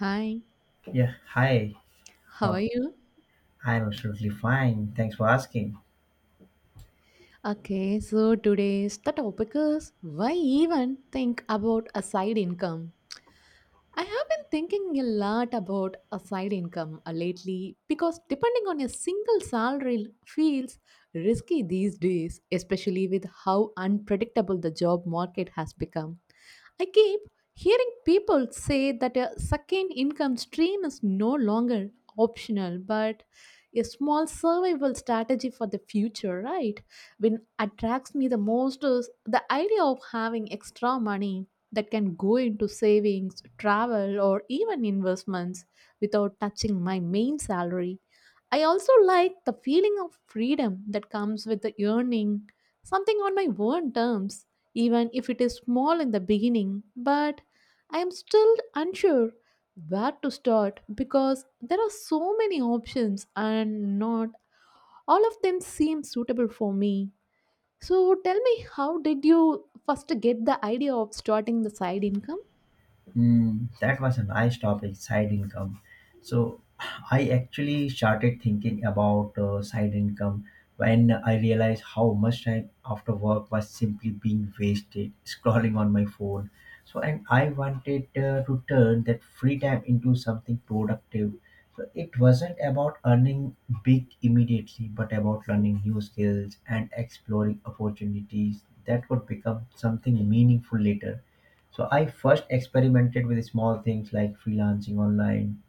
Hi, Yeah, hi. how are Oh, you? I'm absolutely fine. Thanks for asking. Okay, so today's the topic is why even think about a side income? I have been thinking a lot about a side income lately because depending on a single salary feels risky these days, especially with how unpredictable the job market has become. I keep hearing people say that a second income stream is no longer optional but a small survival strategy for the future, right? When attracts me the most is the idea of having extra money that can go into savings, travel, or even investments without touching my main salary. I also like the feeling of freedom that comes with the earning something on my own terms, even if it is small in the beginning. But I am still unsure where to start because there are so many options and not all of them seem suitable for me. So tell me, how did you first get the idea of starting the side income? Mm, that was a nice topic, side income. So I actually started thinking about side income when I realized how much time after work was simply being wasted scrolling on my phone. So and I wanted to turn that free time into something productive. So it wasn't about earning big immediately, but about learning new skills and exploring opportunities that could become something meaningful later, so I first experimented with small things like freelancing online,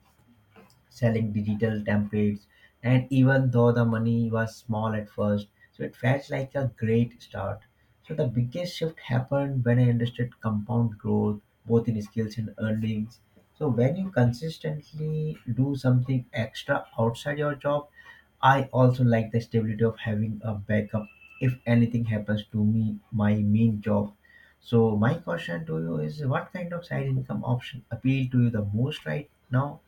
selling digital templates, and even though the money was small at first, so it felt like a great start. So the biggest shift happened when I understood compound growth, both in skills and earnings. So when you consistently do something extra outside your job, I also like the stability of having a backup if anything happens to me, my main job. So my question to you is what kind of side income option appeal to you the most right now?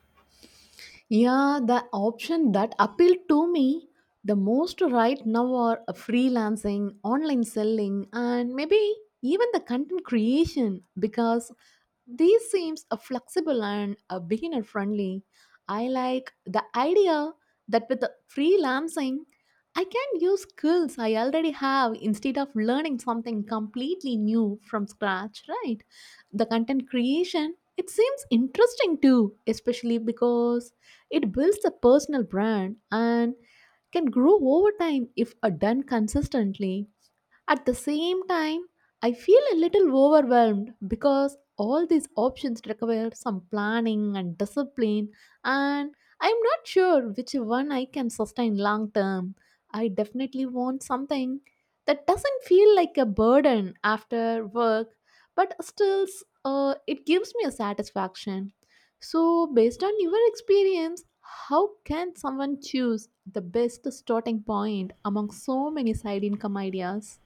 Yeah, the option that appealed to me the most right now are freelancing, online selling, and maybe even the content creation because these seems a flexible and a beginner friendly. I like the idea that with the freelancing, I can use skills I already have instead of learning something completely new from scratch, right? The content creation, it seems interesting too, especially because it builds a personal brand and can grow over time if done consistently. At the same time, I feel a little overwhelmed because all these options require some planning and discipline, and I'm not sure which one I can sustain long term. I definitely want something that doesn't feel like a burden after work, but still, it gives me a satisfaction. So, based on your experience, how can someone choose the best starting point among so many side income ideas?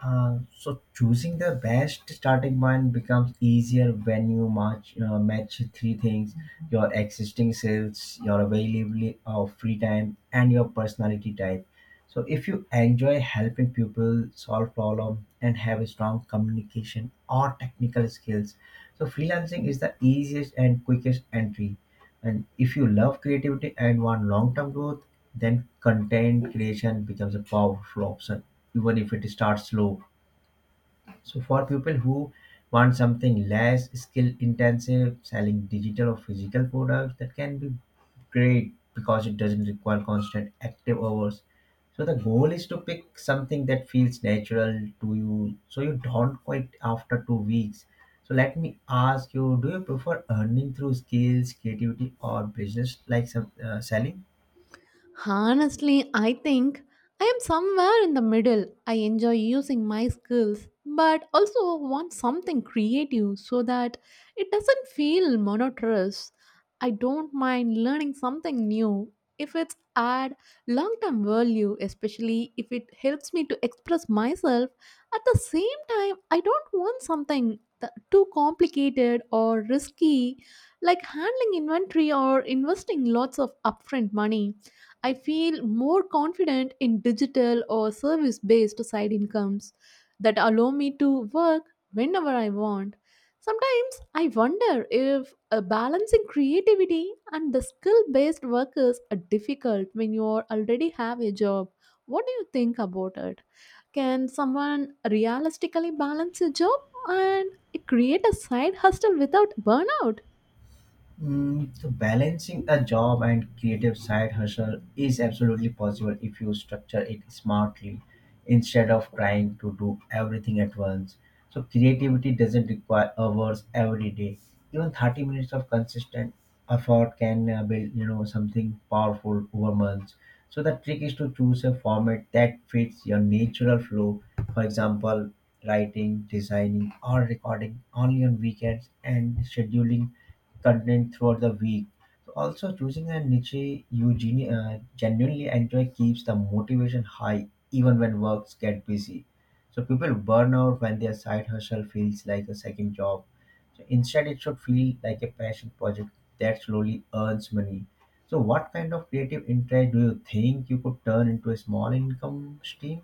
So choosing the best starting point becomes easier when you match three things: your existing sales, your availability of free time, and your personality type. So if you enjoy helping people solve problems and have a strong communication or technical skills, so freelancing is the easiest and quickest entry. And if you love creativity and want long-term growth, then content creation becomes a powerful option even if it starts slow, so for people who want something less skill intensive, selling digital or physical products that can be great because it doesn't require constant active hours. So the goal is to pick something that feels natural to you so you don't quit after 2 weeks. So let me ask you, do you prefer earning through skills, creativity or business like some selling? Honestly, I think I am somewhere in the middle. I enjoy using my skills, but also want something creative so that it doesn't feel monotonous. I don't mind learning something new if it's add long-term value, especially if it helps me to express myself. At the same time, I don't want something too complicated or risky, like handling inventory or investing lots of upfront money. I feel more confident in digital or service based side incomes that allow me to work whenever I want. Sometimes I wonder if balancing creativity and the skill based workers are difficult when you are already have a job. What do you think about it? Can someone realistically balance a job and create a side hustle without burnout? Mm, so balancing a job and creative side hustle is absolutely possible if you structure it smartly instead of trying to do everything at once. So creativity doesn't require hours every day. Even 30 minutes of consistent effort can build, you know, something powerful over months. So the trick is to choose a format that fits your natural flow. For example, writing, designing, or recording only on weekends and scheduling content throughout the week. So also choosing a niche you genuinely enjoy keeps the motivation high even when works get busy. So people burn out when their side hustle feels like a second job. So instead, it should feel like a passion project that slowly earns money. So what kind of creative interest do you think you could turn into a small income stream?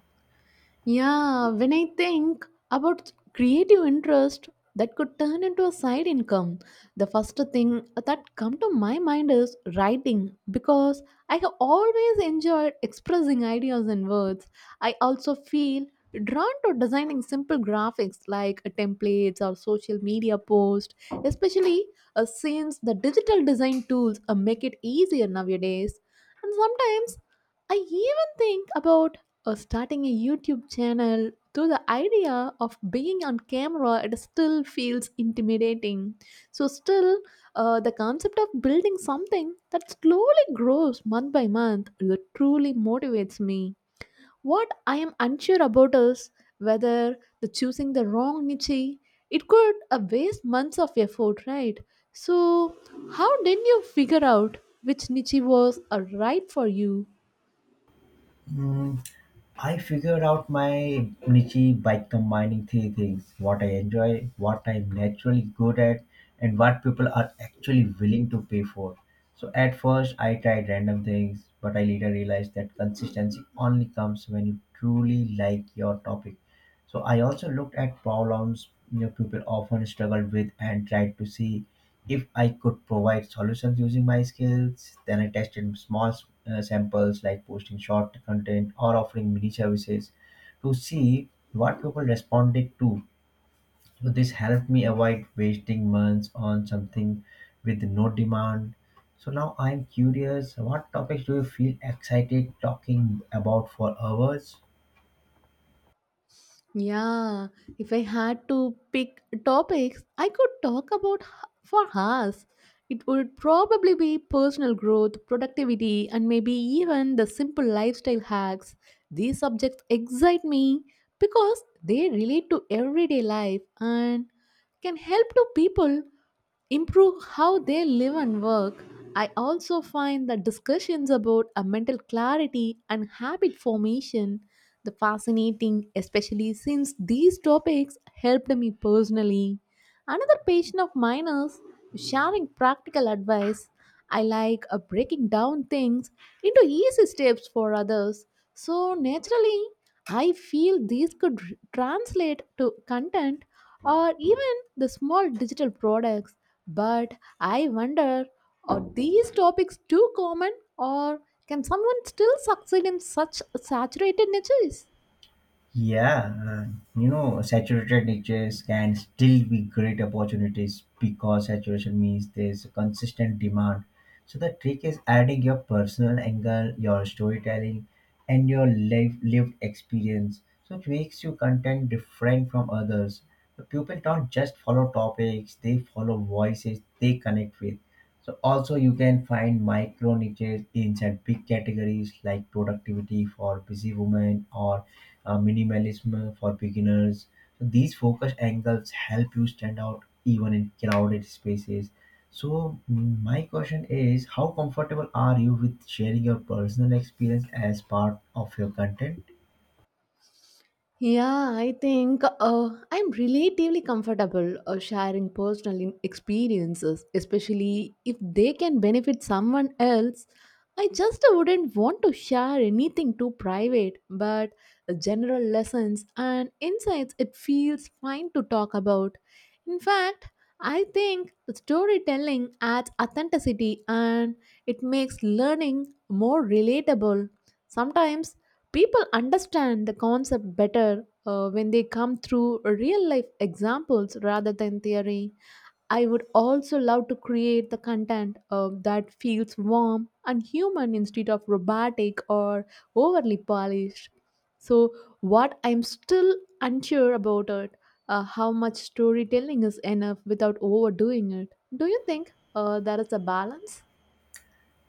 Yeah, when I think about creative interest that could turn into a side income, the first thing that come to my mind is writing because I have always enjoyed expressing ideas in words. I also feel drawn to designing simple graphics like templates or social media posts, especially since the digital design tools make it easier nowadays. And sometimes I even think about or starting a YouTube channel, though the idea of being on camera it still feels intimidating. So still, the concept of building something that slowly grows month by month that truly motivates me. What I am unsure about is whether the choosing the wrong niche it could waste months of effort, right? So how did you figure out which niche was right for you? Mm, I figured out my niche by combining three things: what I enjoy, what I'm naturally good at, and what people are actually willing to pay for. So, at first, I tried random things, but I later realized that consistency only comes when you truly like your topic. So, I also looked at problems, you know, people often struggle with and tried to see if I could provide solutions using my skills, then I tested small samples like posting short content or offering mini services to see what people responded to. So this helped me avoid wasting months on something with no demand. So now I'm curious, what topics do you feel excited talking about for hours? Yeah, if I had to pick topics, I could talk about for hours. It would probably be personal growth, productivity, and maybe even the simple lifestyle hacks. These subjects excite me because they relate to everyday life and can help to people improve how they live and work. I also find that discussions about a mental clarity and habit formation the fascinating, especially since these topics helped me personally. Another patient of mine is sharing practical advice. I like breaking down things into easy steps for others. So naturally, I feel these could translate to content or even the small digital products. But I wonder are these topics too common or can someone still succeed in such saturated niches? Yeah, you know, saturated niches can still be great opportunities because saturation means there's a consistent demand. So the trick is adding your personal angle, your storytelling, and your life lived experience. So it makes your content different from others. The people don't just follow topics; they follow voices they connect with. So also you can find micro niches inside big categories like productivity for busy women or minimalism for beginners. So these focus angles help you stand out even in crowded spaces. So mm, my question is, how comfortable are you with sharing your personal experience as part of your content? Yeah, I think I'm relatively comfortable sharing personal experiences, especially if they can benefit someone else. I just wouldn't want to share anything too private, but general lessons and insights it feels fine to talk about. In fact, I think storytelling adds authenticity and it makes learning more relatable. Sometimes people understand the concept better when they come through real life examples rather than theory. I would also love to create the content that feels warm and human instead of robotic or overly polished. So, what I'm still unsure about it, how much storytelling is enough without overdoing it. Do you think there is a balance?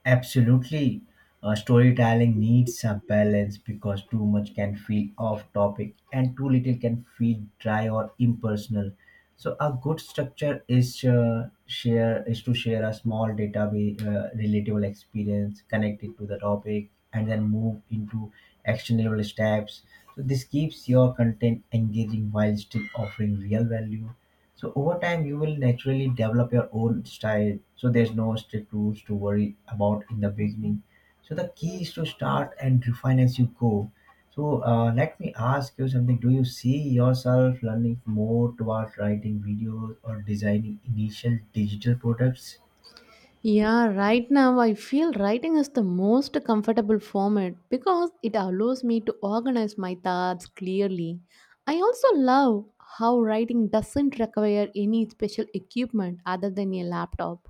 Absolutely. Storytelling needs a balance because too much can feel off topic and too little can feel dry or impersonal. So a good structure is to share a small database, relatable experience connected to the topic, and then move into actionable steps. So this keeps your content engaging while still offering real value. So over time, you will naturally develop your own style. So there's no strict rules to worry about in the beginning. So the key is to start and refine as you go. So let me ask you something. Do you see yourself learning more towards writing videos or designing initial digital products? Yeah, right now I feel writing is the most comfortable format because it allows me to organize my thoughts clearly. I also love how writing doesn't require any special equipment other than a laptop.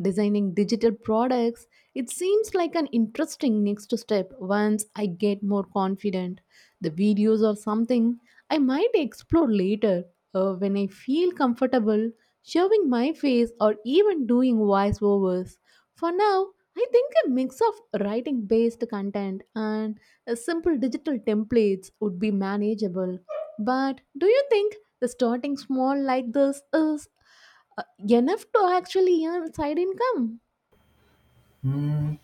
Designing digital products, it seems like an interesting next step once I get more confident. The videos or something I might explore later when I feel comfortable showing my face, or even doing voiceovers. For now, I think a mix of writing based content and simple digital templates would be manageable. But do you think the starting small like this is uh, enough to actually earn side income? Hmm,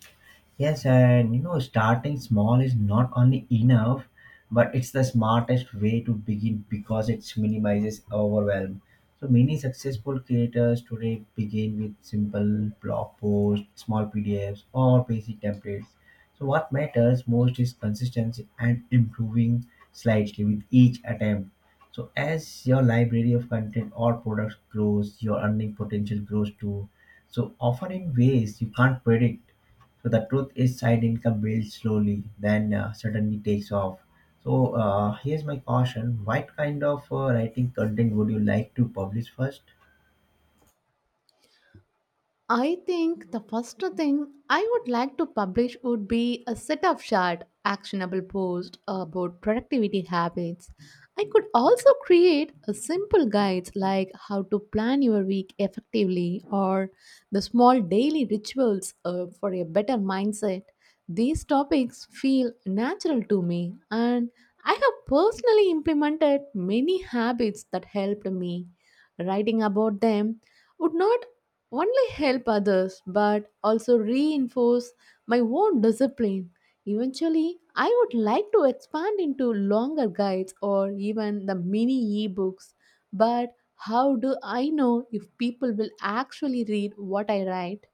yes, and you know, starting small is not only enough, but it's the smartest way to begin because it minimizes overwhelm. So many successful creators today begin with simple blog posts, small PDFs, or basic templates. So what matters most is consistency and improving slightly with each attempt. So as your library of content or products grows, your earning potential grows too. So often in ways you can't predict, so the truth is, side income builds slowly, then suddenly takes off. So here's my caution: what kind of writing content would you like to publish first? I think the first thing I would like to publish would be a set of short, actionable posts about productivity habits. I could also create a simple guides like how to plan your week effectively or the small daily rituals for a better mindset. These topics feel natural to me, and I have personally implemented many habits that helped me. Writing about them would not only help others but also reinforce my own discipline. Eventually, I would like to expand into longer guides or even the mini ebooks. But how do I know if people will actually read what I write?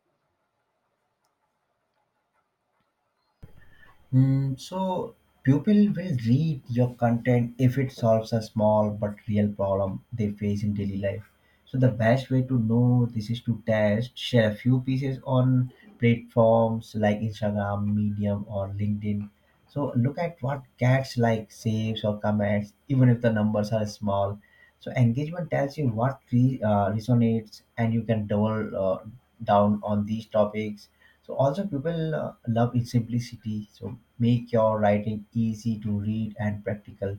Mm, so people will read your content if it solves a small but real problem they face in daily life. So the best way to know this is to test, share a few pieces on platforms like Instagram, Medium, or LinkedIn. So look at what gets like saves or comments, even if the numbers are small. So engagement tells you what resonates, and you can double down on these topics, so also people love its simplicity. So make your writing easy to read and practical.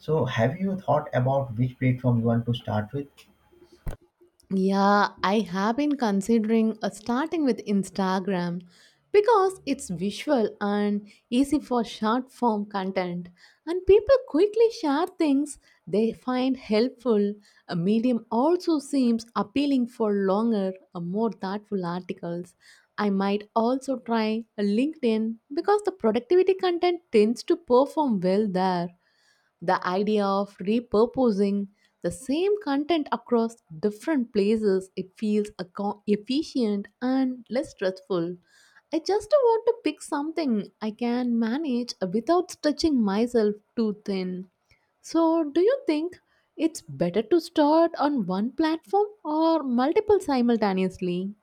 So have you thought about which platform you want to start with? Yeah, I have been considering starting with Instagram because it's visual and easy for short form content, and people quickly share things they find helpful. A medium also seems appealing for longer, more thoughtful articles. I might also try a LinkedIn because the productivity content tends to perform well there. The idea of repurposing the same content across different places, it feels efficient and less stressful. I just want to pick something I can manage without stretching myself too thin. So, do you think it's better to start on one platform or multiple simultaneously?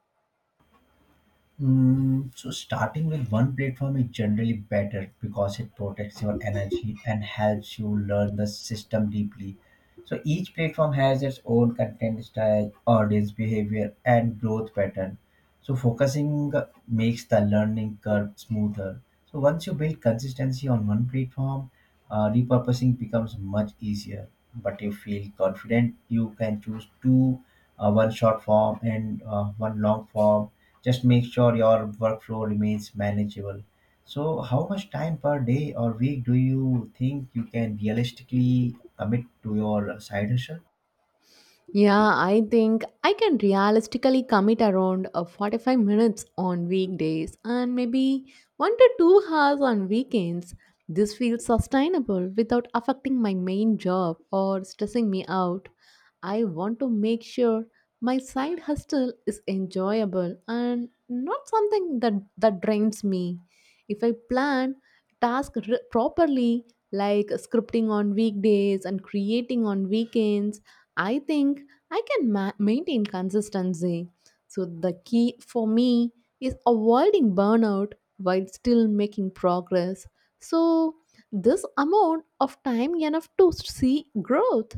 Mm, so starting with one platform is generally better because it protects your energy and helps you learn the system deeply. So each platform has its own content style, audience behavior, and growth pattern. So focusing makes the learning curve smoother. So once you build consistency on one platform, repurposing becomes much easier. But you feel confident, you can choose two, one short form and one long form. Just make sure your workflow remains manageable. So, how much time per day or week do you think you can realistically commit to your side hustle? Yeah, I think I can realistically commit around 45 minutes on weekdays and maybe 1 to 2 hours on weekends. This feels sustainable without affecting my main job or stressing me out. I want to make sure my side hustle is enjoyable and not something that, drains me. If I plan tasks properly, like scripting on weekdays and creating on weekends, I think I can maintain consistency. So, the key for me is avoiding burnout while still making progress. So, this amount of time enough to see growth.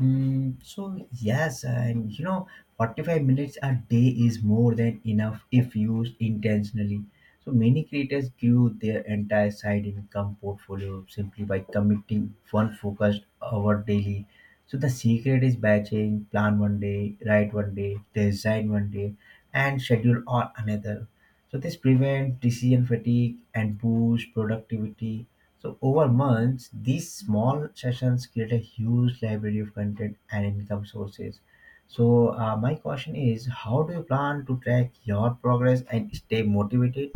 Mm, so yes, and you know, 45 minutes a day is more than enough if used intentionally. So many creators grew their entire side income portfolio simply by committing one focused hour daily. So the secret is batching, plan 1 day, write 1 day, design 1 day, and schedule on another. So this prevents decision fatigue and boosts productivity. So over months, these small sessions create a huge library of content and income sources. So my question is, how do you plan to track your progress and stay motivated?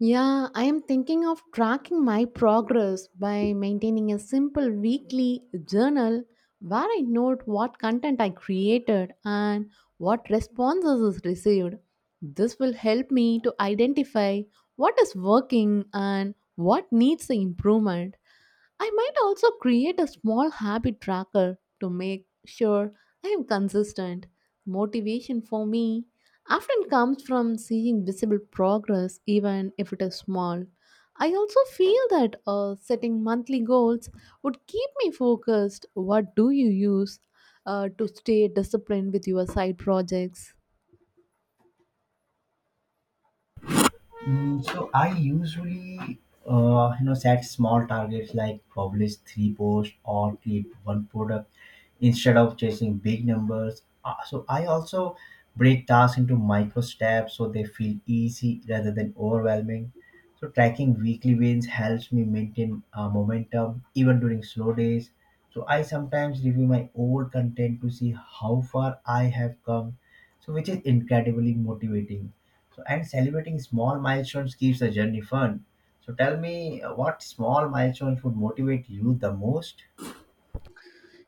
Yeah, I am thinking of tracking my progress by maintaining a simple weekly journal where I note what content I created and what responses is received. This will help me to identify what is working and what needs improvement. I might also create a small habit tracker to make sure I am consistent. Motivation for me often comes from seeing visible progress, even if it is small. I also feel that setting monthly goals would keep me focused. What do you use to stay disciplined with your side projects? Mm, so I usually, you know, set small targets like publish three posts or create one product instead of chasing big numbers. So I also break tasks into micro steps so they feel easy rather than overwhelming. So tracking weekly wins helps me maintain momentum even during slow days. So I sometimes review my old content to see how far I have come, so which is incredibly motivating. So and celebrating small milestones keeps the journey fun. So tell me what small milestones would motivate you the most?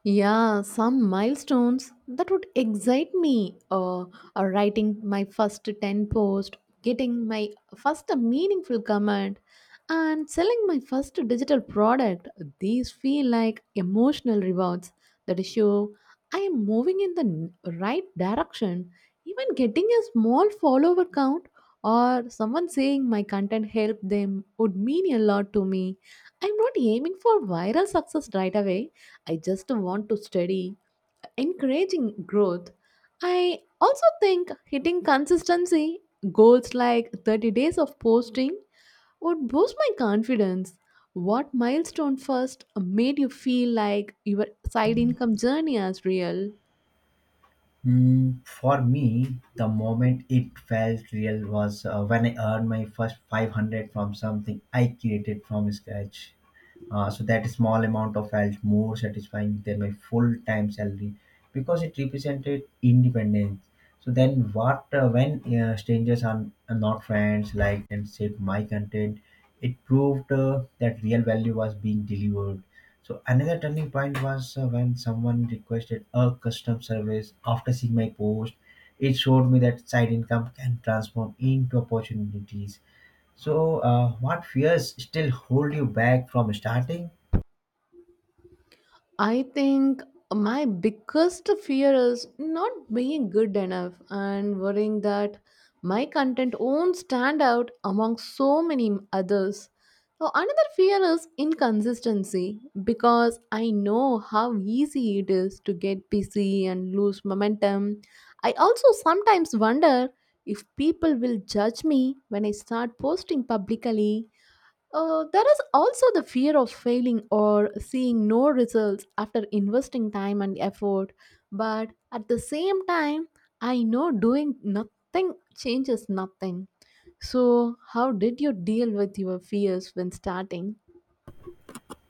Yeah, some milestones that would excite me, or writing my first 10 post, getting my first meaningful comment, and selling my first digital product. These feel like emotional rewards that show I am moving in the right direction. Even getting a small follower count or someone saying my content helped them would mean a lot to me. I'm not aiming for viral success right away. I just want to study, encouraging growth. I also think hitting consistency goals like 30 days of posting would boost my confidence. What milestone first made you feel like your side income journey is real? Hmm, for me, the moment it felt real was when I earned my first 500 from something I created from scratch. So that small amount of felt more satisfying than my full-time salary because it represented independence. So then, what when strangers are not friends, liked and saved my content, it proved that real value was being delivered. So another turning point was when someone requested a custom service after seeing my post. It showed me that side income can transform into opportunities, so, what fears still hold you back from starting? I think my biggest fear is not being good enough and worrying that my content won't stand out among so many others. So another fear is inconsistency because I know how easy it is to get busy and lose momentum. I also sometimes wonder if people will judge me when I start posting publicly there is also the fear of failing or seeing no results after investing time and effort. But at the same time, I know doing nothing changes nothing. So, how did you deal with your fears when starting?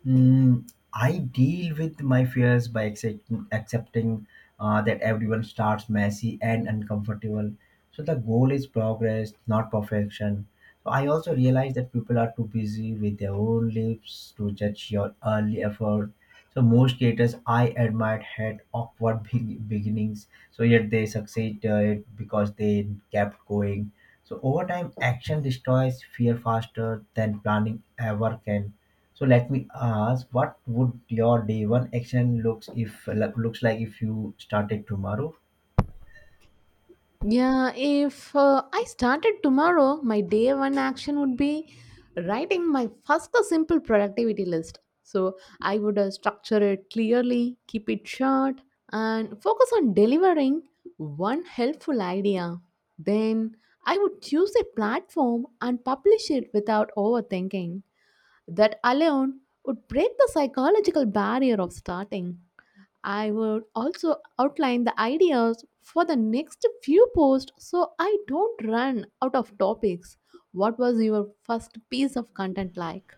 Mm, I deal with my fears by accepting that everyone starts messy and uncomfortable. So the goal is progress, not perfection. So I also realize that people are too busy with their own lives to judge your early effort. So most creators I admired had awkward beginnings, so yet they succeed it because they kept going. So over time, action destroys fear faster than planning ever can. So let me ask, what would your day one action looks like if you started tomorrow? Yeah, if I started tomorrow, my day one action would be writing my first simple productivity list. So I would structure it clearly, keep it short, and focus on delivering one helpful idea. Then I would choose a platform and publish it without overthinking. That alone would break the psychological barrier of starting. I would also outline the ideas for the next few posts so I don't run out of topics. What was your first piece of content like?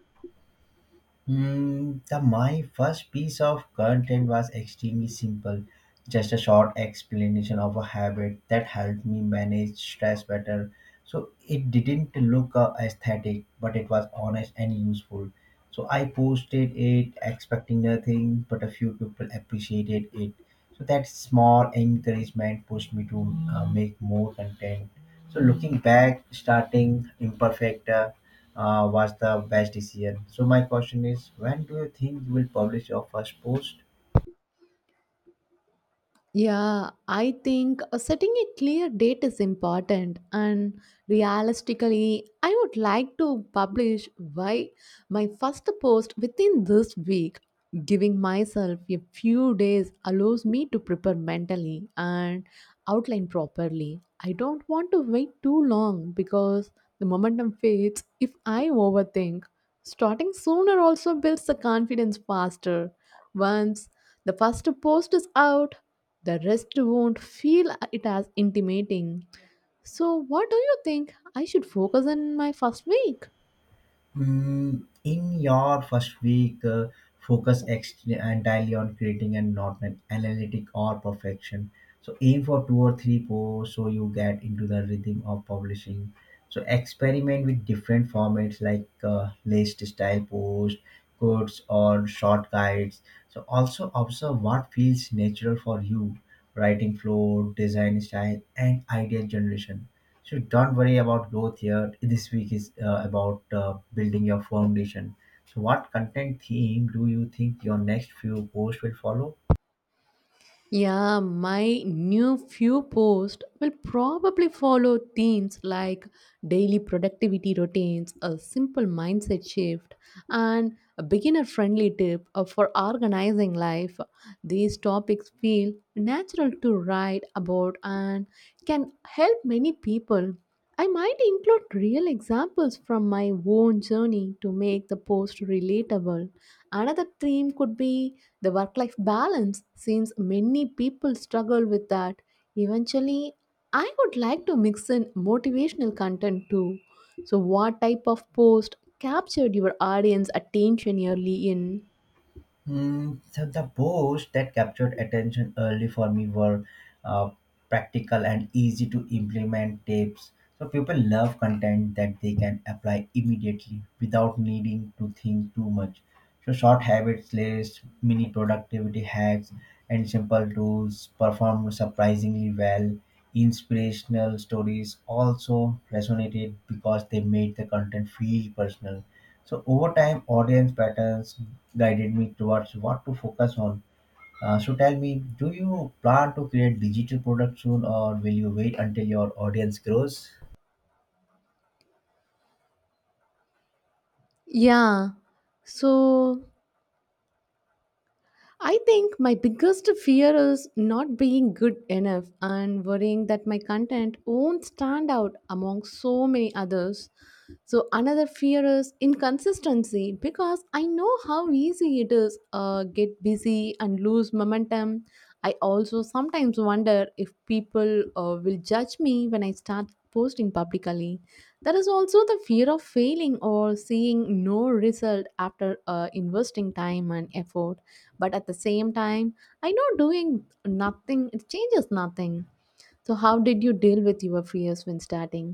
Mm, the my first piece of content was extremely simple, just a short explanation of a habit that helped me manage stress better. So it didn't look aesthetic, but it was honest and useful. So I posted it expecting nothing, but a few people appreciated it. So that small encouragement pushed me to make more content. So looking back, starting imperfect was the best decision. So my question is, when do you think you will publish your first post? Yeah, I think setting a clear date is important, and realistically, I would like to publish why my first post within this week. Giving myself a few days allows me to prepare mentally and outline properly. I don't want to wait too long because the momentum fades if I overthink. Starting sooner also builds the confidence faster. Once the first post is out, the rest won't feel it as intimating. So, what do you think? I should focus on my first week. Mm, in your first week, entirely on creating and not an analytic or perfection. So aim for two or three posts so you get into the rhythm of publishing. So experiment with different formats like list style posts, quotes, or short guides. So also observe what feels natural for you: writing flow, design style, and idea generation. So don't worry about growth here. This week is about building your foundation. So what content theme do you think your next few posts will follow? Yeah, my new few posts will probably follow themes like daily productivity routines, a simple mindset shift, and a beginner friendly tip for organizing life. These topics feel natural to write about, and can help many people. I might include real examples from my own journey to make the post relatable. Another theme could be the work life balance, since many people struggle with that. Eventually, I would like to mix in motivational content too. So, what type of post captured your audience attention early in? Hmm. So the posts that captured attention early for me were uh, practical and easy to implement tips. So people love content that they can apply immediately without needing to think too much. So short habits lists, mini productivity hacks, and simple tools performed surprisingly well. Inspirational stories also resonated because they made the content feel personal. So over time, audience patterns guided me towards what to focus on. So tell me, do you plan to create digital products soon, or will you wait until your audience grows? Yeah, so I think my biggest fear is not being good enough and worrying that my content won't stand out among so many others. So, another fear is inconsistency because I know how easy it is get busy and lose momentum. I also sometimes wonder if people will judge me when I start posting publicly. There is also the fear of failing or seeing no result after investing time and effort, but at the same time I know doing nothing it changes nothing. So how did you deal with your fears when starting?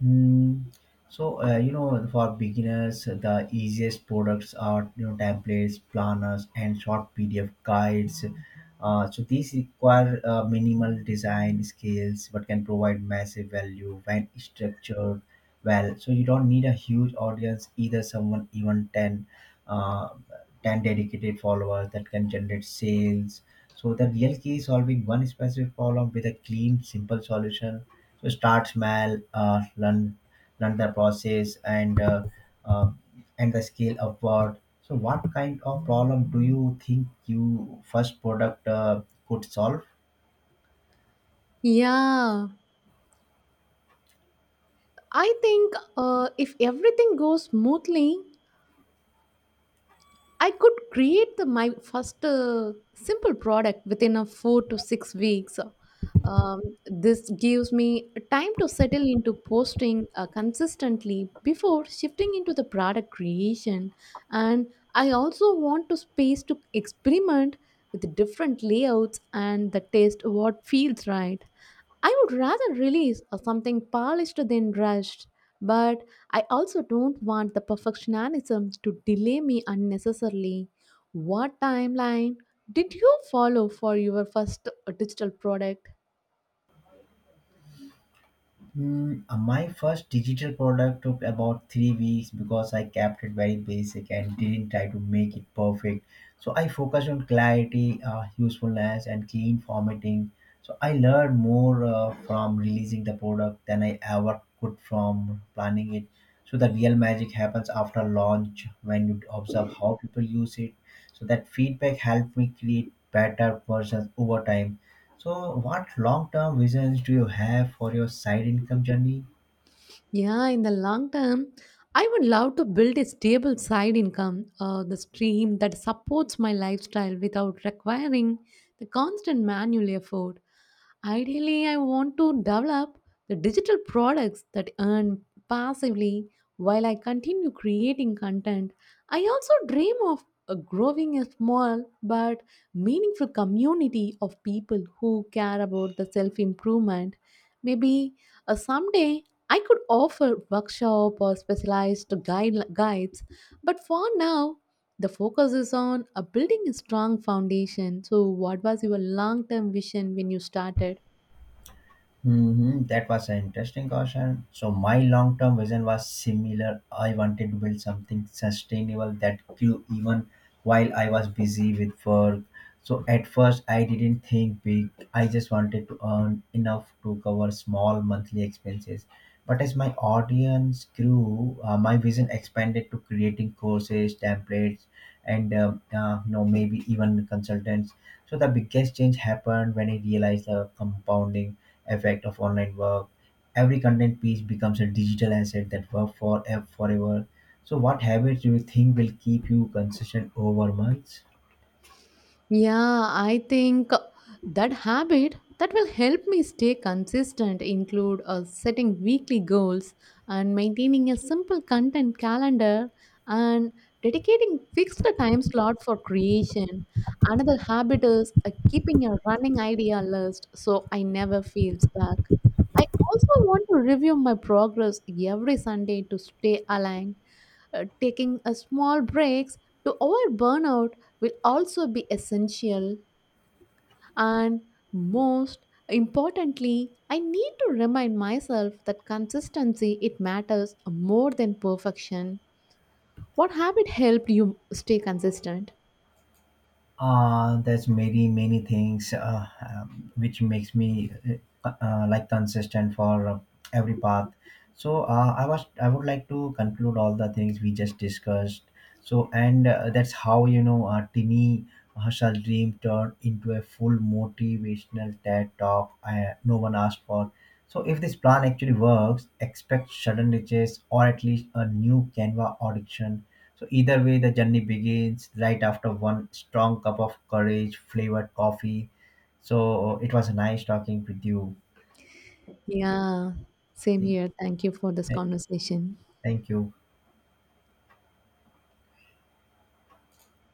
Hmm. So, you know, for beginners, the easiest products are, you know, templates, planners, and short PDF guides. So these require minimal design skills, but can provide massive value when structured well. So you don't need a huge audience either. Someone even 10, uh, 10 dedicated followers that can generate sales. So the real key is solving one specific problem with a clean, simple solution. To start small, learn the process, uh, and the scale upward. So, what kind of problem do you think you first product could solve? Yeah, I think if everything goes smoothly I could create the, my first simple product within a 4 to 6 weeks. Um, this gives me time to settle into posting consistently before shifting into the product creation. And I also want to space to experiment with different layouts and the taste what feels right. I would rather release a something polished than rushed, but I also don't want the perfectionism to delay me unnecessarily. What timeline did you follow for your first digital product? Mm, my first digital product took about 3 weeks because I kept it very basic and didn't try to make it perfect. So I focused on clarity, usefulness, and clean formatting. So I learned more from releasing the product than I ever could from planning it. So the real magic happens after launch when you observe how people use it. So that feedback helped me create better versions over time. So, what long term visions do you have for your side income journey? Yeah, in the long term, I would love to build a stable side income, the stream that supports my lifestyle without requiring the constant manual effort. Ideally, I want to develop the digital products that earn passively while I continue creating content. I also dream of growing a small but meaningful community of people who care about the self improvement. Maybe someday I could offer workshop or specialized guides, but for now, the focus is on building a strong foundation. So, what was your long term vision when you started? Hmm. That was an interesting question. So my long-term vision was similar. I wanted to build something sustainable that grew even while I was busy with work. So at first I didn't think big. I just wanted to earn enough to cover small monthly expenses. But as my audience grew, my vision expanded to creating courses, templates, and you know, maybe even consultants. So the biggest change happened when I realized the compounding effect of online work. Every content piece becomes a digital asset that works for forever. So, what habits do you think will keep you consistent over months? Yeah, I think that habit that will help me stay consistent include setting weekly goals and maintaining a simple content calendar and dedicating fixed time slot for creation. Another habit is keeping a running idea list so I never feel stuck. I also want to review my progress every Sunday to stay aligned, taking a small breaks to avoid burnout will also be essential, and most importantly I need to remind myself that consistency it matters more than perfection. What habit helped you stay consistent? There's many things which makes me like consistent for every path. So I would like to conclude all the things we just discussed. So and that's how, you know, Tini Hashal's dream turned into a full motivational TED talk. I, no one asked for. So if this plan actually works, expect sudden riches or at least a new Canva audition. So either way, the journey begins right after one strong cup of courage flavored coffee. So it was nice talking with you. Yeah, same Thank here. Thank you for this conversation. you.